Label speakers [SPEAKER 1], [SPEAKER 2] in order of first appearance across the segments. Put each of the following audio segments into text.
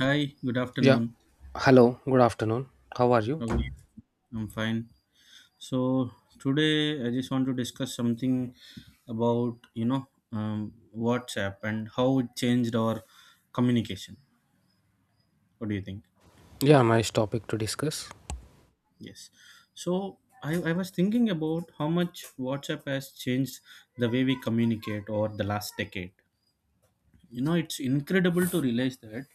[SPEAKER 1] Hi, good
[SPEAKER 2] Yeah.
[SPEAKER 1] afternoon.
[SPEAKER 2] Hello. Good afternoon. How are you?
[SPEAKER 1] How are you? I'm fine. So today I just want to discuss something about WhatsApp and how it changed our communication. What do you think?
[SPEAKER 2] Yeah, nice topic to discuss.
[SPEAKER 1] Yes. So I was thinking about how much WhatsApp has changed the way we communicate over the last decade. You know, it's incredible to realize that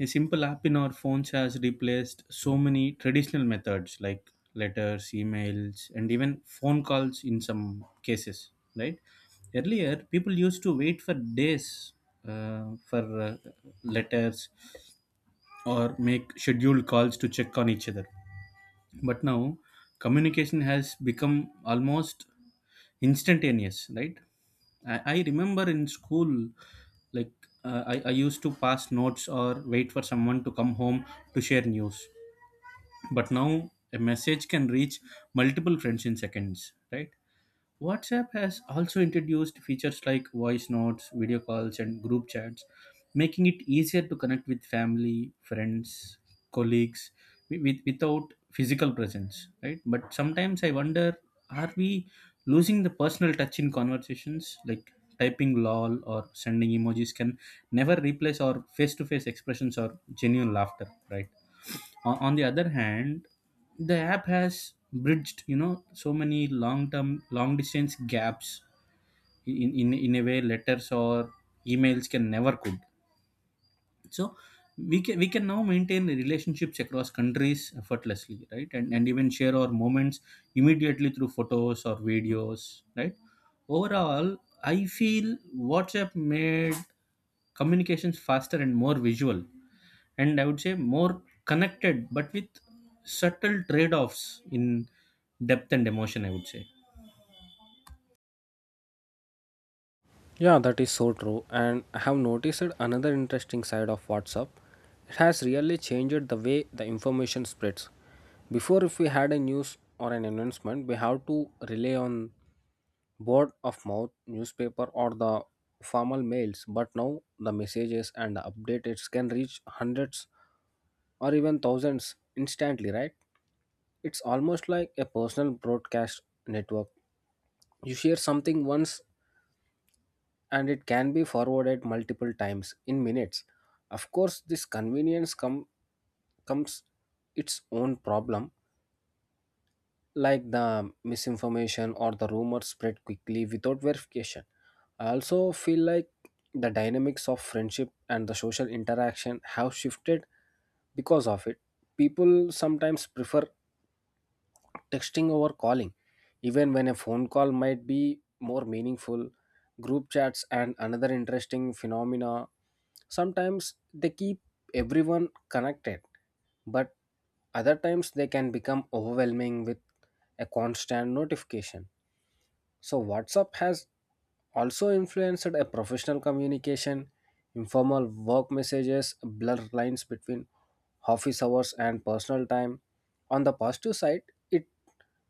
[SPEAKER 1] a simple app in our phones has replaced so many traditional methods like letters, emails, and even phone calls in some cases, right? Earlier, people used to wait for days for letters or make scheduled calls to check on each other. But now, communication has become almost instantaneous, right? I remember in school, like I used to pass notes or wait for someone to come home to share news. But now a message can reach multiple friends in seconds, right? WhatsApp has also introduced features like voice notes, video calls, and group chats, making it easier to connect with family, friends, colleagues without physical presence, right? But sometimes I wonder, are we losing the personal touch in conversations? Like typing lol or sending emojis can never replace our face to face expressions or genuine laughter, right? On the other hand, the app has bridged, you know, so many long term long distance gaps in a way letters or emails can never could. So we can now maintain relationships across countries effortlessly, right? And even share our moments immediately through photos or videos, right? Overall, I feel WhatsApp made communications faster and more visual, and I would say more connected, but with subtle trade offs in depth and emotion, I would say.
[SPEAKER 2] Yeah, that is so true. And I have noticed another interesting side of WhatsApp. It has really changed the way the information spreads. Before, if we had a news or an announcement, we have to rely on word of mouth, newspaper, or the formal mails. But now, the messages and the updates can reach hundreds or even thousands instantly, right? It's almost like a personal broadcast network. You share something once and it can be forwarded multiple times in minutes. Of course, this convenience comes its own problem, like the misinformation or the rumors spread quickly without verification. I also feel like the dynamics of friendship and the social interaction have shifted because of it. People sometimes prefer texting over calling, even when a phone call might be more meaningful. Group chats and another interesting phenomena. Sometimes they keep everyone connected, but other times they can become overwhelming with a constant notification. So, WhatsApp has also influenced a professional communication, informal work messages, blur lines between office hours and personal time. On the positive side, it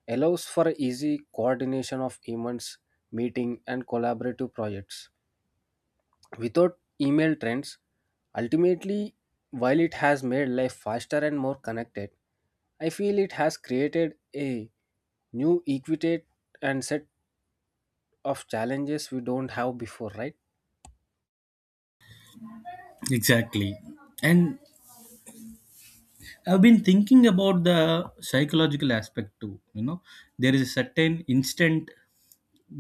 [SPEAKER 2] allows for easy coordination of events, meeting, and collaborative projects without email trends. Ultimately, while it has made life faster and more connected, I feel it has created a new equitate and set of challenges we don't have before, right?
[SPEAKER 1] Exactly. And I've been thinking about the psychological aspect too. You know, there is a certain instant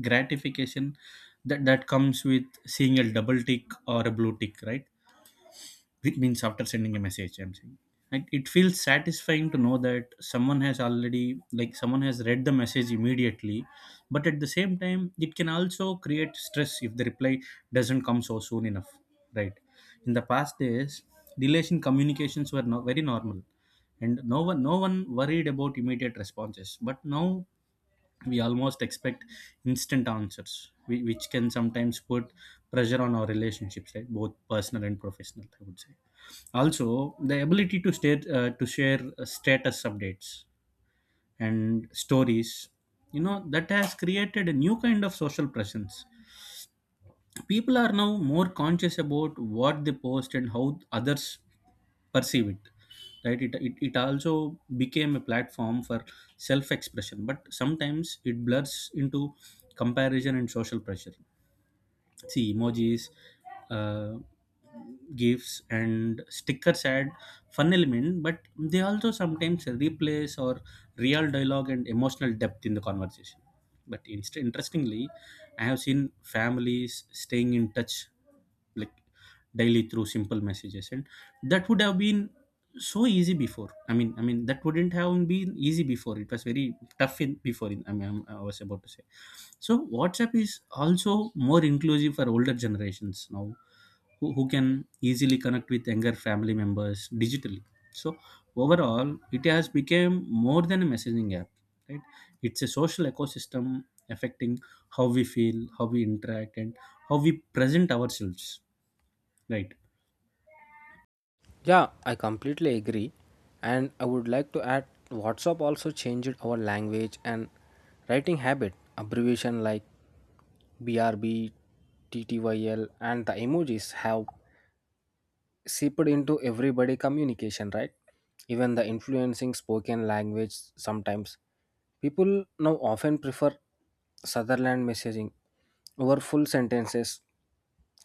[SPEAKER 1] gratification that comes with seeing a double tick or a blue tick, right? It means after sending a message, I'm saying, and it feels satisfying to know that someone has already, like, someone has read the message immediately. But at the same time, it can also create stress if the reply doesn't come so soon enough, right? In the past days, delays in communications were, no, very normal, and no one worried about immediate responses. But now we almost expect instant answers, which can sometimes put pressure on our relationships, right? Both personal and professional, I would say. Also the ability to stay, to share status updates and stories, you know, that has created a new kind of social presence. People are now more conscious about what they post and how others perceive it, right? It also became a platform for self-expression, but sometimes it blurs into comparison and social pressure. See, emojis, uh, gifts and stickers add fun element, but they also sometimes replace or real dialogue and emotional depth in the conversation. But interestingly, I have seen families staying in touch, like, daily through simple messages, and that would have been so easy before. I mean, that wouldn't have been easy before. It was very tough in before in, I mean, I was about to say. So WhatsApp is also more inclusive for older generations now, who can easily connect with younger family members digitally. So overall, it has become more than a messaging app, right? It's a social ecosystem affecting how we feel, how we interact, and how we present ourselves, right?
[SPEAKER 2] Yeah, I completely agree. And I would like to add WhatsApp also changed our language and writing habit. Abbreviation like BRB TTYL and the emojis have seeped into everybody communication, right? Even the influencing spoken language sometimes. People now often prefer Sutherland messaging over full sentences,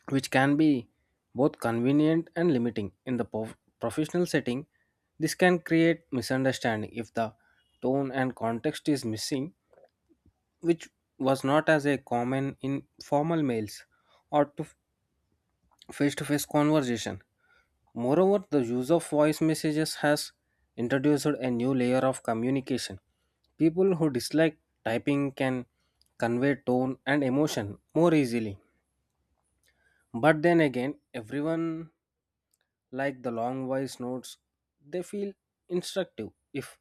[SPEAKER 2] which can be both convenient and limiting. Professional setting, this can create misunderstanding if the tone and context is missing, which was not as a common in formal mails or to face-to-face conversation. Moreover, the use of voice messages has introduced a new layer of communication. People who dislike typing can convey tone and emotion more easily. But then again, everyone like the long voice notes, they feel instructive if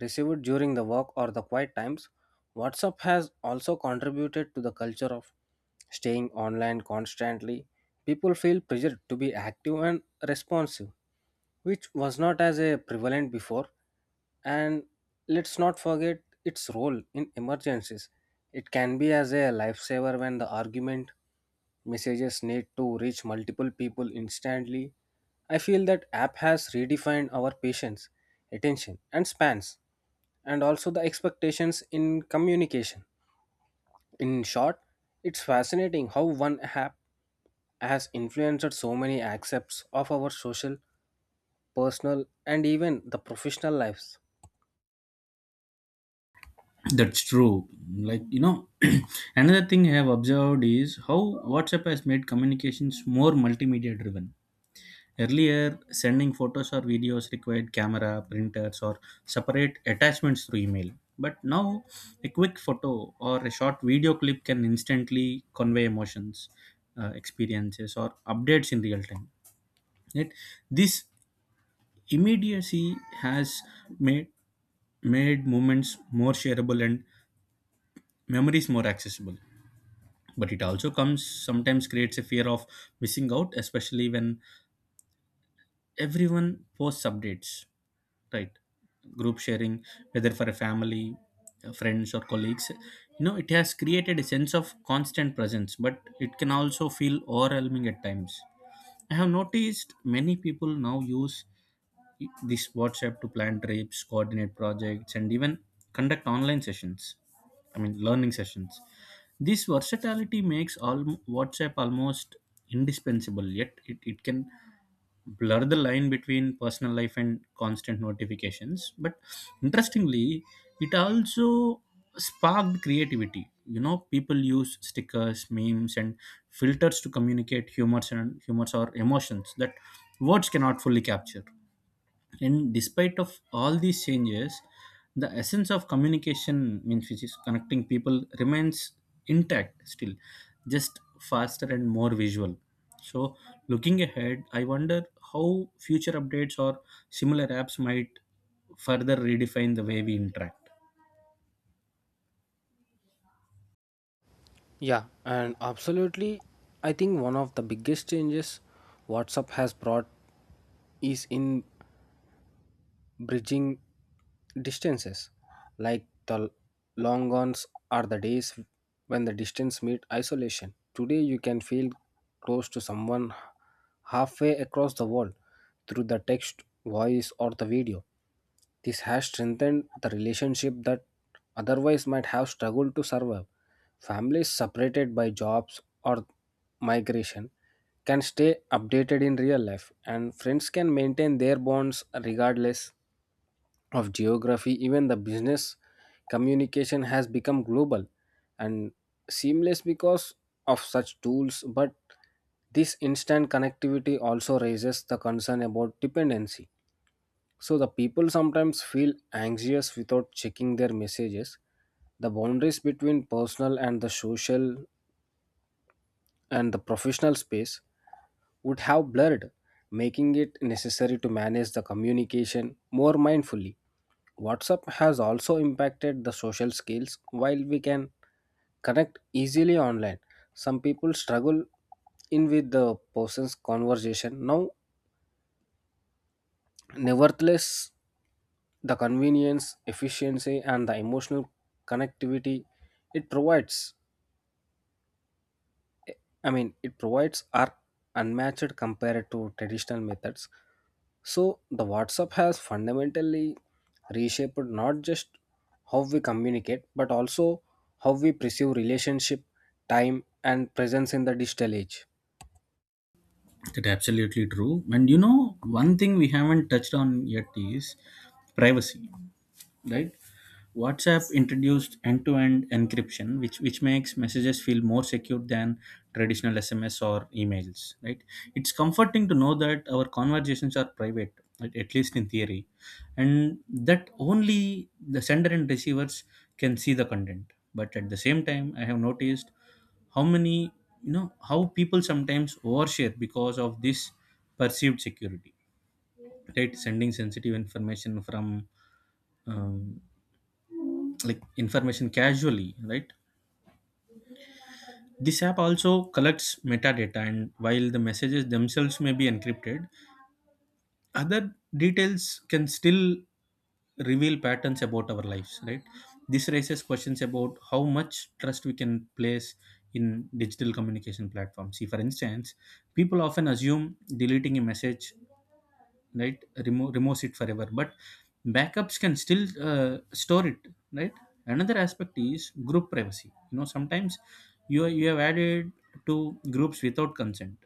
[SPEAKER 2] received during the work or the quiet times. WhatsApp has also contributed to the culture of staying online constantly. People feel pressured to be active and responsive, which was not as a prevalent before. And let's not forget its role in emergencies. It can be as a lifesaver when the argument messages need to reach multiple people instantly. I feel that app has redefined our patience, attention, and spans, and also the expectations in communication. In short, it's fascinating how one app has influenced so many aspects of our social, personal, and even the professional lives.
[SPEAKER 1] That's true. Like, you know, another thing I have observed is how WhatsApp has made communications more multimedia driven. Earlier, sending photos or videos required camera, printers, or separate attachments through email. But now, a quick photo or a short video clip can instantly convey emotions, experiences, or updates in real time. Yet, this immediacy has made made moments more shareable and memories more accessible. But it also comes sometimes creates a fear of missing out, especially when everyone posts updates, right? Group sharing, whether for a family, friends or colleagues, you know, it has created a sense of constant presence, but it can also feel overwhelming at times. I have noticed many people now use this WhatsApp to plan trips, coordinate projects, and even conduct online sessions, I mean learning sessions. This versatility makes all WhatsApp almost indispensable, yet it can blur the line between personal life and constant notifications. But interestingly, it also sparked creativity. You know, people use stickers, memes, and filters to communicate humors and humors or emotions that words cannot fully capture. And despite of all these changes, the essence of communication means, which is connecting people, remains intact, still just faster and more visual. So looking ahead, I wonder how future updates or similar apps might further redefine the way we interact.
[SPEAKER 2] Yeah, and absolutely, I think one of the biggest changes WhatsApp has brought is in bridging distances, like the long ones are the days when the distance meet isolation today you can feel close to someone halfway across the world through the text voice or the video. This has strengthened the relationship that otherwise might have struggled to survive. Families separated by jobs or migration can stay updated in real life, and friends can maintain their bonds regardless of geography, even the business communication has become global and seamless because of such tools. But this instant connectivity also raises the concern about dependency. So the people sometimes feel anxious without checking their messages. The boundaries between personal and the social and the professional space would have blurred, making it necessary to manage the communication more mindfully. WhatsApp has also impacted the social skills while we can connect easily online. Some people struggle in with the person's conversation. Now, nevertheless, the convenience, efficiency, and the emotional connectivity it provides it provides are unmatched compared to traditional methods. So the WhatsApp has fundamentally reshaped not just how we communicate, but also how we perceive relationship, time, and presence in the digital age.
[SPEAKER 1] That's absolutely true. And you know, one thing we haven't touched on yet is privacy, right? WhatsApp introduced end-to-end encryption, which makes messages feel more secure than traditional SMS or emails, right? It's comforting to know that our conversations are private, at least in theory, and that only the sender and receivers can see the content. But at the same time, I have noticed how many, you know, how people sometimes overshare because of this perceived security, right? Sending sensitive information from, um, like, information casually, right? This app also collects metadata, and while the messages themselves may be encrypted, other details can still reveal patterns about our lives, right? This raises questions about how much trust we can place in digital communication platforms. See, for instance, people often assume deleting a message, right, remove it forever, but backups can still store it, right? Another aspect is group privacy. You know, sometimes you have added to groups without consent,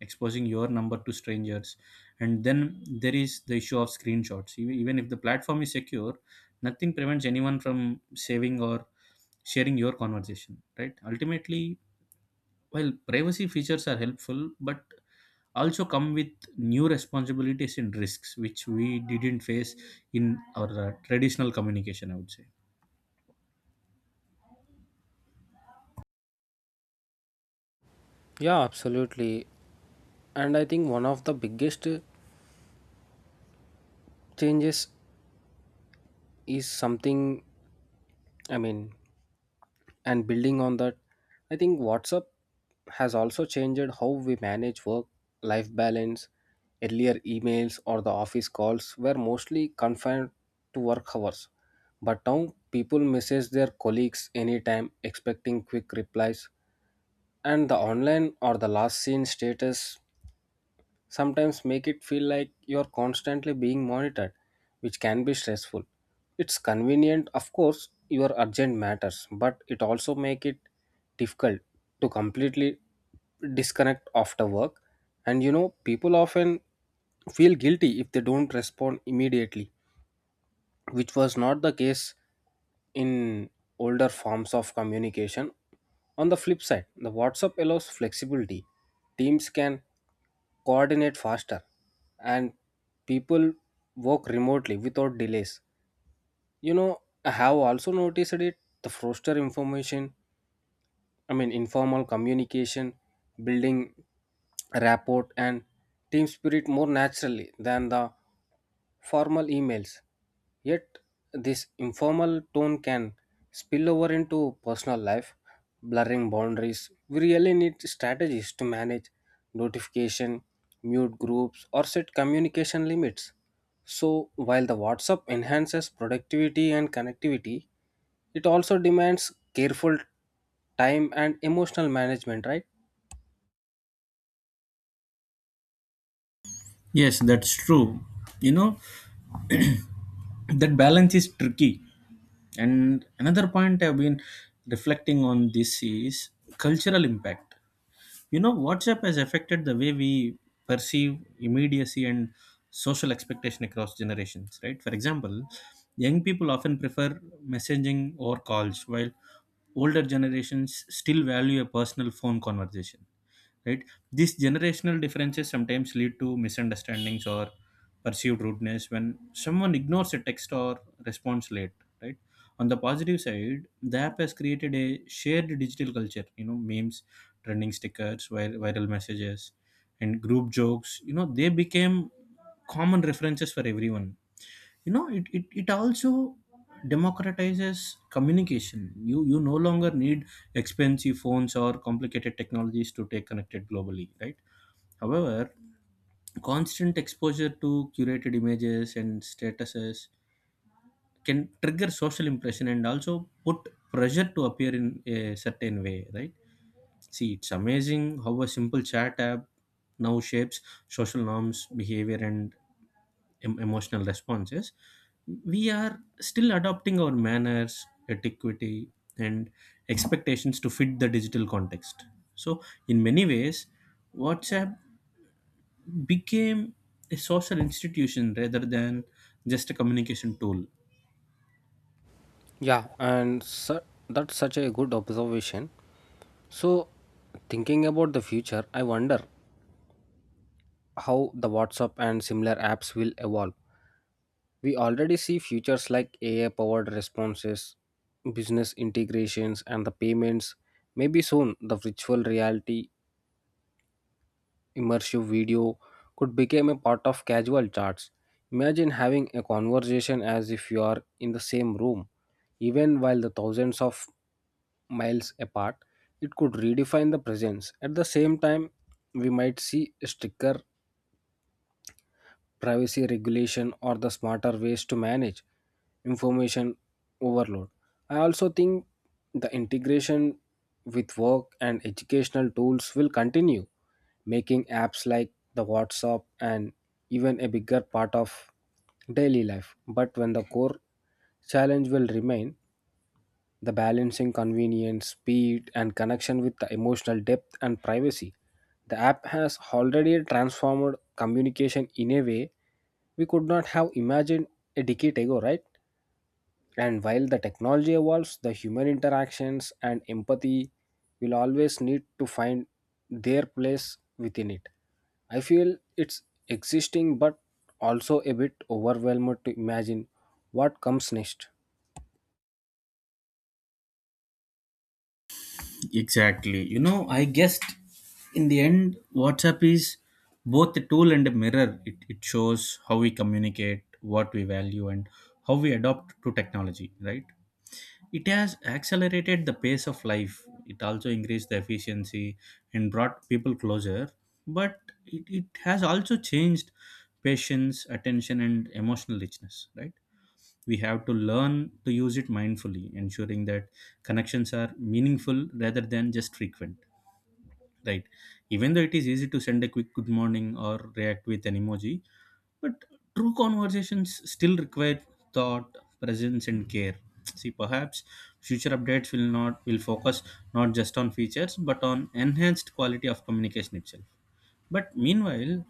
[SPEAKER 1] exposing your number to strangers. And then there is the issue of screenshots. Even if the platform is secure, nothing prevents anyone from saving or sharing your conversation, right? Ultimately, while privacy features are helpful, but also come with new responsibilities and risks which we didn't face in our traditional communication, I would say.
[SPEAKER 2] Yeah, absolutely. And I think one of the biggest changes is something, I mean, and building on that, I think WhatsApp has also changed how we manage work life balance. Earlier emails or the office calls were mostly confined to work hours, but now people message their colleagues anytime expecting quick replies, and the online or the last seen status sometimes make it feel like you're constantly being monitored, which can be stressful. It's convenient, of course, your urgent matters, but it also make it difficult to completely disconnect after work. And you know, people often feel guilty if they don't respond immediately, which was not the case in older forms of communication. On the flip side, the WhatsApp allows flexibility. Teams can coordinate faster and people work remotely without delays. You know, I have also noticed it the faster information I mean, informal communication, building rapport, and team spirit more naturally than the formal emails. Yet, this informal tone can spill over into personal life, blurring boundaries. We really need strategies to manage notification, mute groups, or set communication limits. So, while the WhatsApp enhances productivity and connectivity, it also demands careful time and emotional management, right?
[SPEAKER 1] Yes, that's true. You know, that balance is tricky. And another point I've been reflecting on this is cultural impact. You know, WhatsApp has affected the way we perceive immediacy and social expectation across generations, right? For example, young people often prefer messaging or calls, while older generations still value a personal phone conversation, right? These generational differences sometimes lead to misunderstandings or perceived rudeness when someone ignores a text or responds late, right? On the positive side, the app has created a shared digital culture. You know, memes, trending stickers, viral messages, and group jokes, you know, they became common references for everyone. You know, it also democratizes communication. You no longer need expensive phones or complicated technologies to stay connected globally, right? However, constant exposure to curated images and statuses can trigger social impression, and also put pressure to appear in a certain way, right? See, it's amazing how a simple chat app now shapes social norms, behavior, and emotional responses. We are still adopting our manners, etiquette, and expectations to fit the digital context. So in many ways, WhatsApp became a social institution rather than just a communication tool.
[SPEAKER 2] yeah and su- that's such a good observation. So, thinking about the future, I wonder how the WhatsApp and similar apps will evolve. We already see features like AI powered responses, business integrations, and the payments. Maybe soon the virtual reality immersive video could become a part of casual chats. Imagine having a conversation as if you are in the same room, even while the thousands of miles apart. It could redefine the presence. At the same time, we might see a sticker privacy regulation or the smarter ways to manage information overload. I also think the integration with work and educational tools will continue, making apps like the WhatsApp and even a bigger part of daily life. But when the core challenge will remain, the balancing convenience, speed, and connection with the emotional depth and privacy. The app has already transformed communication in a way we could not have imagined a decade ago, right? And while the technology evolves, the human interactions and empathy will always need to find their place within it. I feel it's existing but also a bit overwhelmed to imagine what comes next.
[SPEAKER 1] Exactly. You know, I guessed in the end, WhatsApp is both a tool and a mirror. It shows how we communicate, what we value, and how we adopt to technology, right? It has accelerated the pace of life. It also increased the efficiency and brought people closer. But it has also changed patience, attention, and emotional richness, right? We have to learn to use it mindfully, ensuring that connections are meaningful rather than just frequent, right? Even though it is easy to send a quick good morning or react with an emoji, but true conversations still require thought, presence, and care. See, perhaps future updates will not will focus not just on features but on enhanced quality of communication itself. But meanwhile,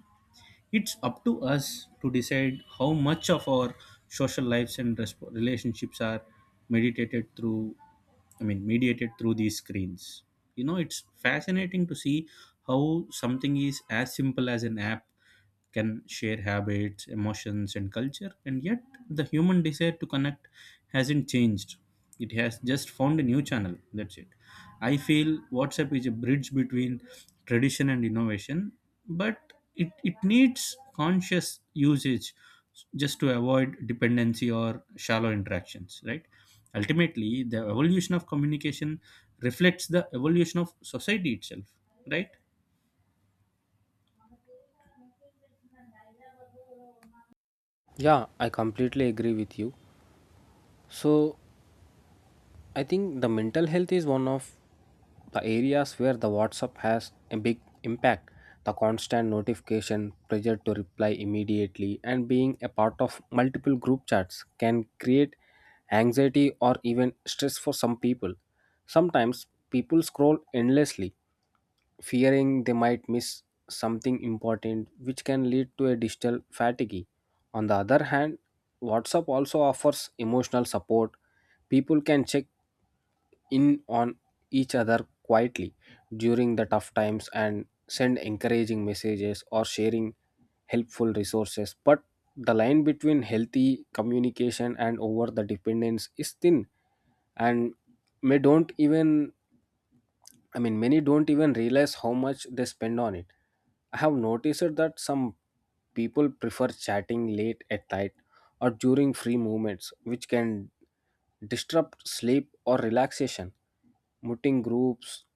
[SPEAKER 1] it's up to us to decide how much of our social lives and relationships are meditated through, I mean, mediated through these screens. You know, it's fascinating to see how something is as simple as an app can share habits, emotions, and culture, and yet the human desire to connect hasn't changed. It has just found a new channel. That's it. I feel WhatsApp is a bridge between tradition and innovation, but it needs conscious usage just to avoid dependency or shallow interactions, right? Ultimately, the evolution of communication reflects the evolution of society itself, right?
[SPEAKER 2] Yeah, I completely agree with you. So I think the mental health is one of the areas where the WhatsApp has a big impact. The constant notification, pressure to reply immediately, and being a part of multiple group chats can create anxiety or even stress for some people. Sometimes people scroll endlessly, fearing they might miss something important, which can lead to a digital fatigue. On the other hand, WhatsApp also offers emotional support. People can check in on each other quietly during the tough times and send encouraging messages or sharing helpful resources. But the line between healthy communication and over the dependence is thin, and may don't even I mean, many don't even realize how much they spend on it. I have noticed that some people prefer chatting late at night or during free movements, which can disrupt sleep or relaxation. Muting groups,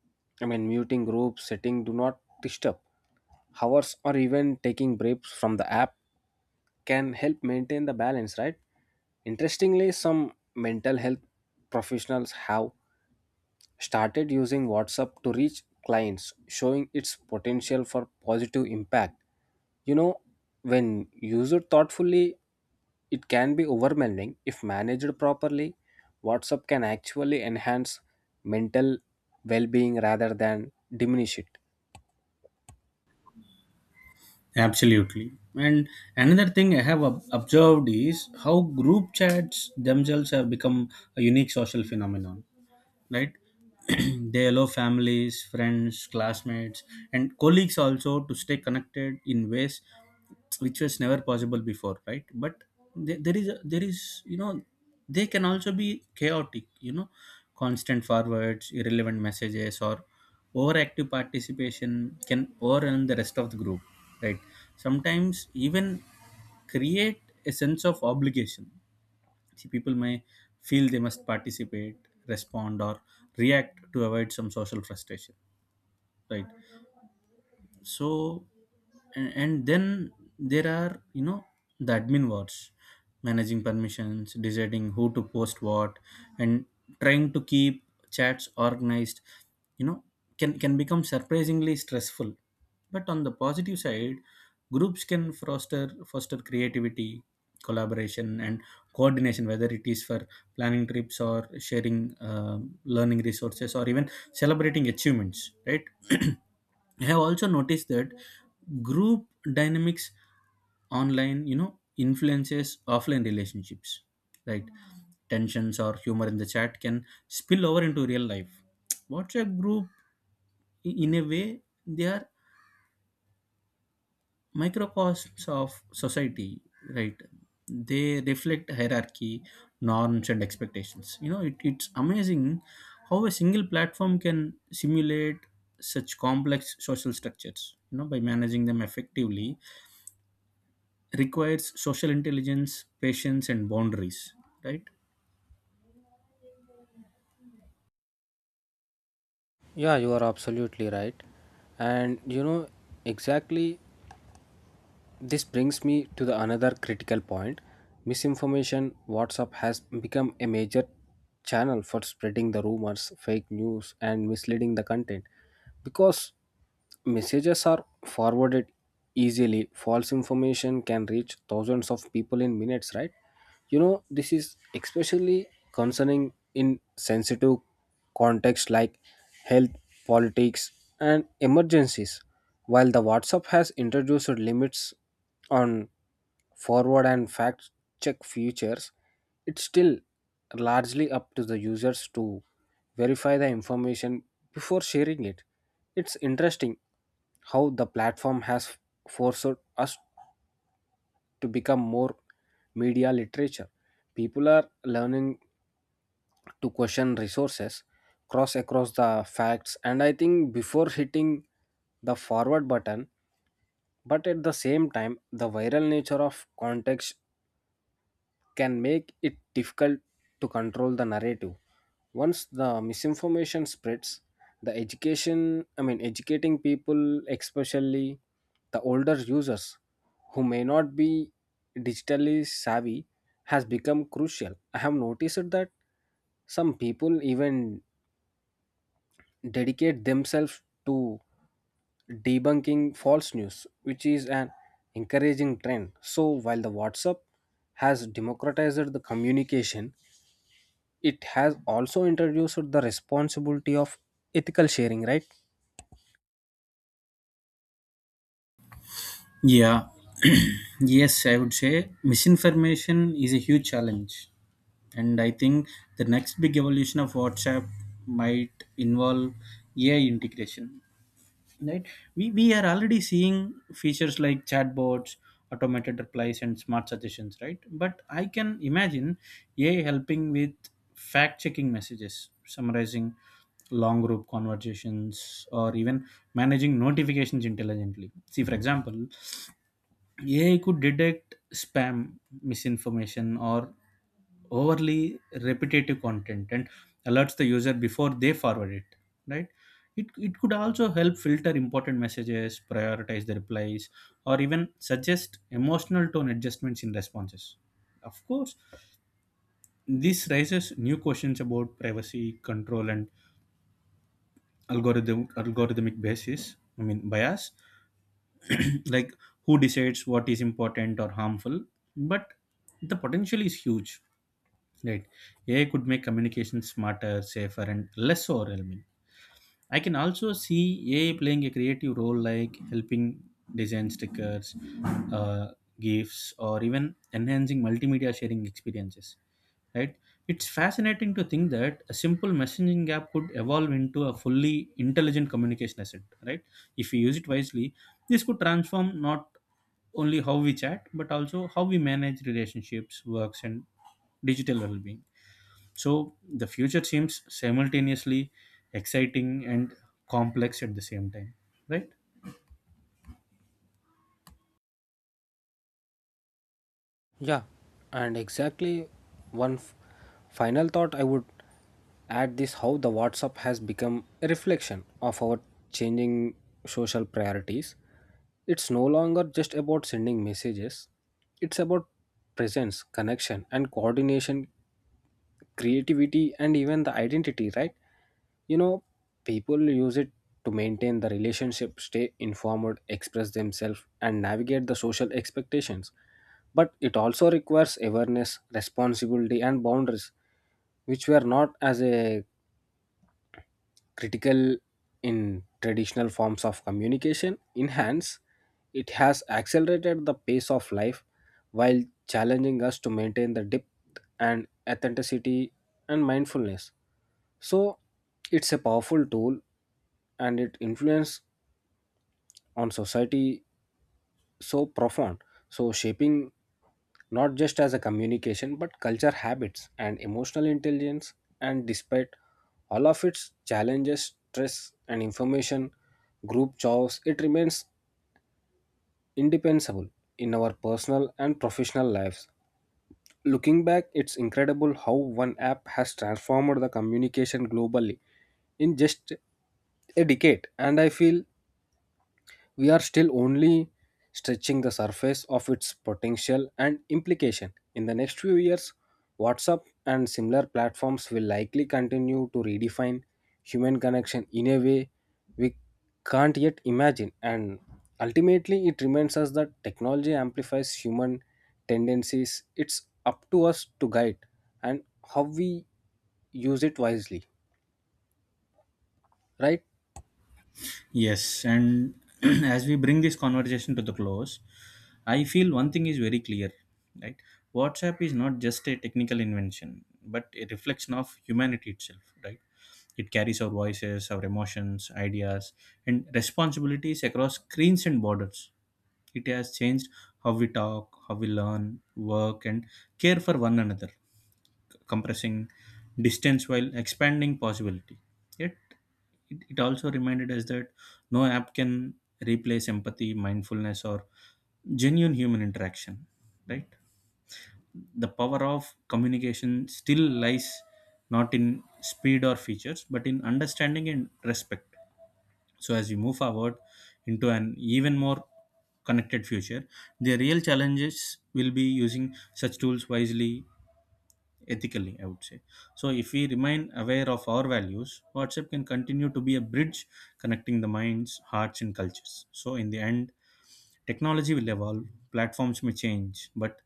[SPEAKER 2] muting groups, setting do not disturb hours or even taking breaks from the app can help maintain the balance, right? Interestingly, some mental health professionals have started using WhatsApp to reach clients, showing its potential for positive impact. You know, when used thoughtfully, it can be overwhelming. If managed properly, WhatsApp can actually enhance mental well being rather than diminish it.
[SPEAKER 1] Absolutely. And another thing I have observed is how group chats themselves have become a unique social phenomenon. Right. They allow families, friends, classmates and colleagues also to stay connected in ways which was never possible before, right? But there is a, there is you know they can also be chaotic, constant forwards, irrelevant messages or overactive participation can overwhelm the rest of the group, right? Sometimes even create a sense of obligation. See, people may feel they must participate, respond, or react to avoid some social frustration, right? So and then there are the admin words, managing permissions, deciding who to post what and trying to keep chats organized, you know can become surprisingly stressful. But on the positive side, groups can foster creativity, collaboration and coordination, whether it is for planning trips or sharing learning resources or even celebrating achievements, right? I have also noticed that group dynamics online, you know, influences offline relationships. Right? Tensions or humor in the chat can spill over into real life. WhatsApp group, in a way, they are microcosms of society, right? They reflect hierarchy, norms and expectations. It's amazing how a single platform can simulate such complex social structures. By managing them effectively requires social intelligence, patience and boundaries, right?
[SPEAKER 2] Yeah, you are absolutely right. And you know, exactly, this brings me to the another critical point. Misinformation. WhatsApp has become a major channel for spreading the rumors, fake news, and misleading the content, because messages are forwarded easily. False information can reach thousands of people in minutes, right? You know, this is especially concerning in sensitive contexts like health, politics, and emergencies. While the WhatsApp has introduced limits on forward and fact check features, it's still largely up to the users to verify the information before sharing it. It's interesting how the platform has forced us to become more media literature. People are learning to question resources, cross across the facts, and I think before hitting the forward button, but at the same time, the viral nature of context can make it difficult to control the narrative. Once the misinformation spreads, the education, I mean, educating people, especially the older users who may not be digitally savvy, has become crucial. I have noticed that some people even dedicate themselves to debunking false news, which is an encouraging trend. So, while the WhatsApp has democratized the communication, it has also introduced the responsibility of ethical sharing, right?
[SPEAKER 1] Yeah. Yes, I would say misinformation is a huge challenge. And I think the next big evolution of WhatsApp might involve AI integration. Right? We are already seeing features like chatbots, automated replies, and smart suggestions, right? But I can imagine AI helping with fact checking messages, summarizing long group conversations, or even managing notifications intelligently. See, for example, AI could detect spam, misinformation, or overly repetitive content and alerts the user before they forward it. Right? It could also help filter important messages, prioritize the replies, or even suggest emotional tone adjustments in responses. Of course, this raises new questions about privacy, control, and algorithmic basis. I mean bias. Like who decides what is important or harmful? But the potential is huge, right? AI could make communication smarter, safer and less overwhelming. I can also see AI playing a creative role, like helping design stickers, uh, gifts or even enhancing multimedia sharing experiences, right? It's fascinating to think that a simple messaging app could evolve into a fully intelligent communication asset, right? If we use it wisely, this could transform not only how we chat but also how we manage relationships, works and digital well-being. So the future seems simultaneously exciting and complex at the same time, right?
[SPEAKER 2] Yeah, and exactly, one f- final thought I would add this how the WhatsApp has become a reflection of our changing social priorities. It's no longer just about sending messages, it's about presence, connection, and coordination, creativity, and even the identity, right? You know, people use it to maintain the relationship, stay informed, express themselves, and navigate the social expectations, but it also requires awareness, responsibility, and boundaries which were not as a critical in traditional forms of communication. In hands, it has accelerated the pace of life while challenging us to maintain the depth and authenticity and mindfulness. So, it's a powerful tool and it influence on society so profound, so shaping not just as a communication, but culture, habits, and emotional intelligence. And despite all of its challenges, stress and information group choice, it remains indispensable in our personal and professional lives. Looking back, it's incredible how one app has transformed the communication globally in just a decade, and I feel we are still only stretching the surface of its potential and implication. In the next few years, WhatsApp and similar platforms will likely continue to redefine human connection in a way we can't yet imagine. And ultimately, it reminds us that technology amplifies human tendencies. It's up to us to guide and how we use it wisely, right?
[SPEAKER 1] Yes, and as we bring this conversation to the close, I feel one thing is very clear, right? WhatsApp is not just a technical invention but a reflection of humanity itself, right? It carries our voices, our emotions, ideas, and responsibilities across screens and borders. It has changed how we talk, how we learn, work, and care for one another, compressing distance while expanding possibility. Yet, it also reminded us that no app can replace empathy, mindfulness, or genuine human interaction, right? The power of communication still lies not in speed or features but in understanding and respect. So as we move forward into an even more connected future, the real challenges will be using such tools wisely, ethically, I would say. So if we remain aware of our values, WhatsApp can continue to be a bridge connecting the minds, hearts and cultures. So in the end, technology will evolve, platforms may change, but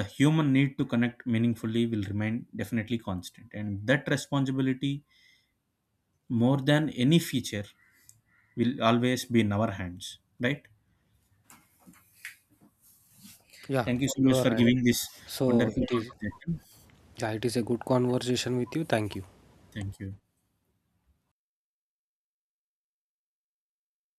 [SPEAKER 1] the human need to connect meaningfully will remain definitely constant, and that responsibility, more than any feature, will always be in our hands, right?
[SPEAKER 2] Yeah,
[SPEAKER 1] Thank you so
[SPEAKER 2] you
[SPEAKER 1] much
[SPEAKER 2] are
[SPEAKER 1] for
[SPEAKER 2] right.
[SPEAKER 1] giving this
[SPEAKER 2] So
[SPEAKER 1] wonderful
[SPEAKER 2] it is.
[SPEAKER 1] conversation.
[SPEAKER 2] Yeah, it is a good conversation with you. Thank you.
[SPEAKER 1] Thank you.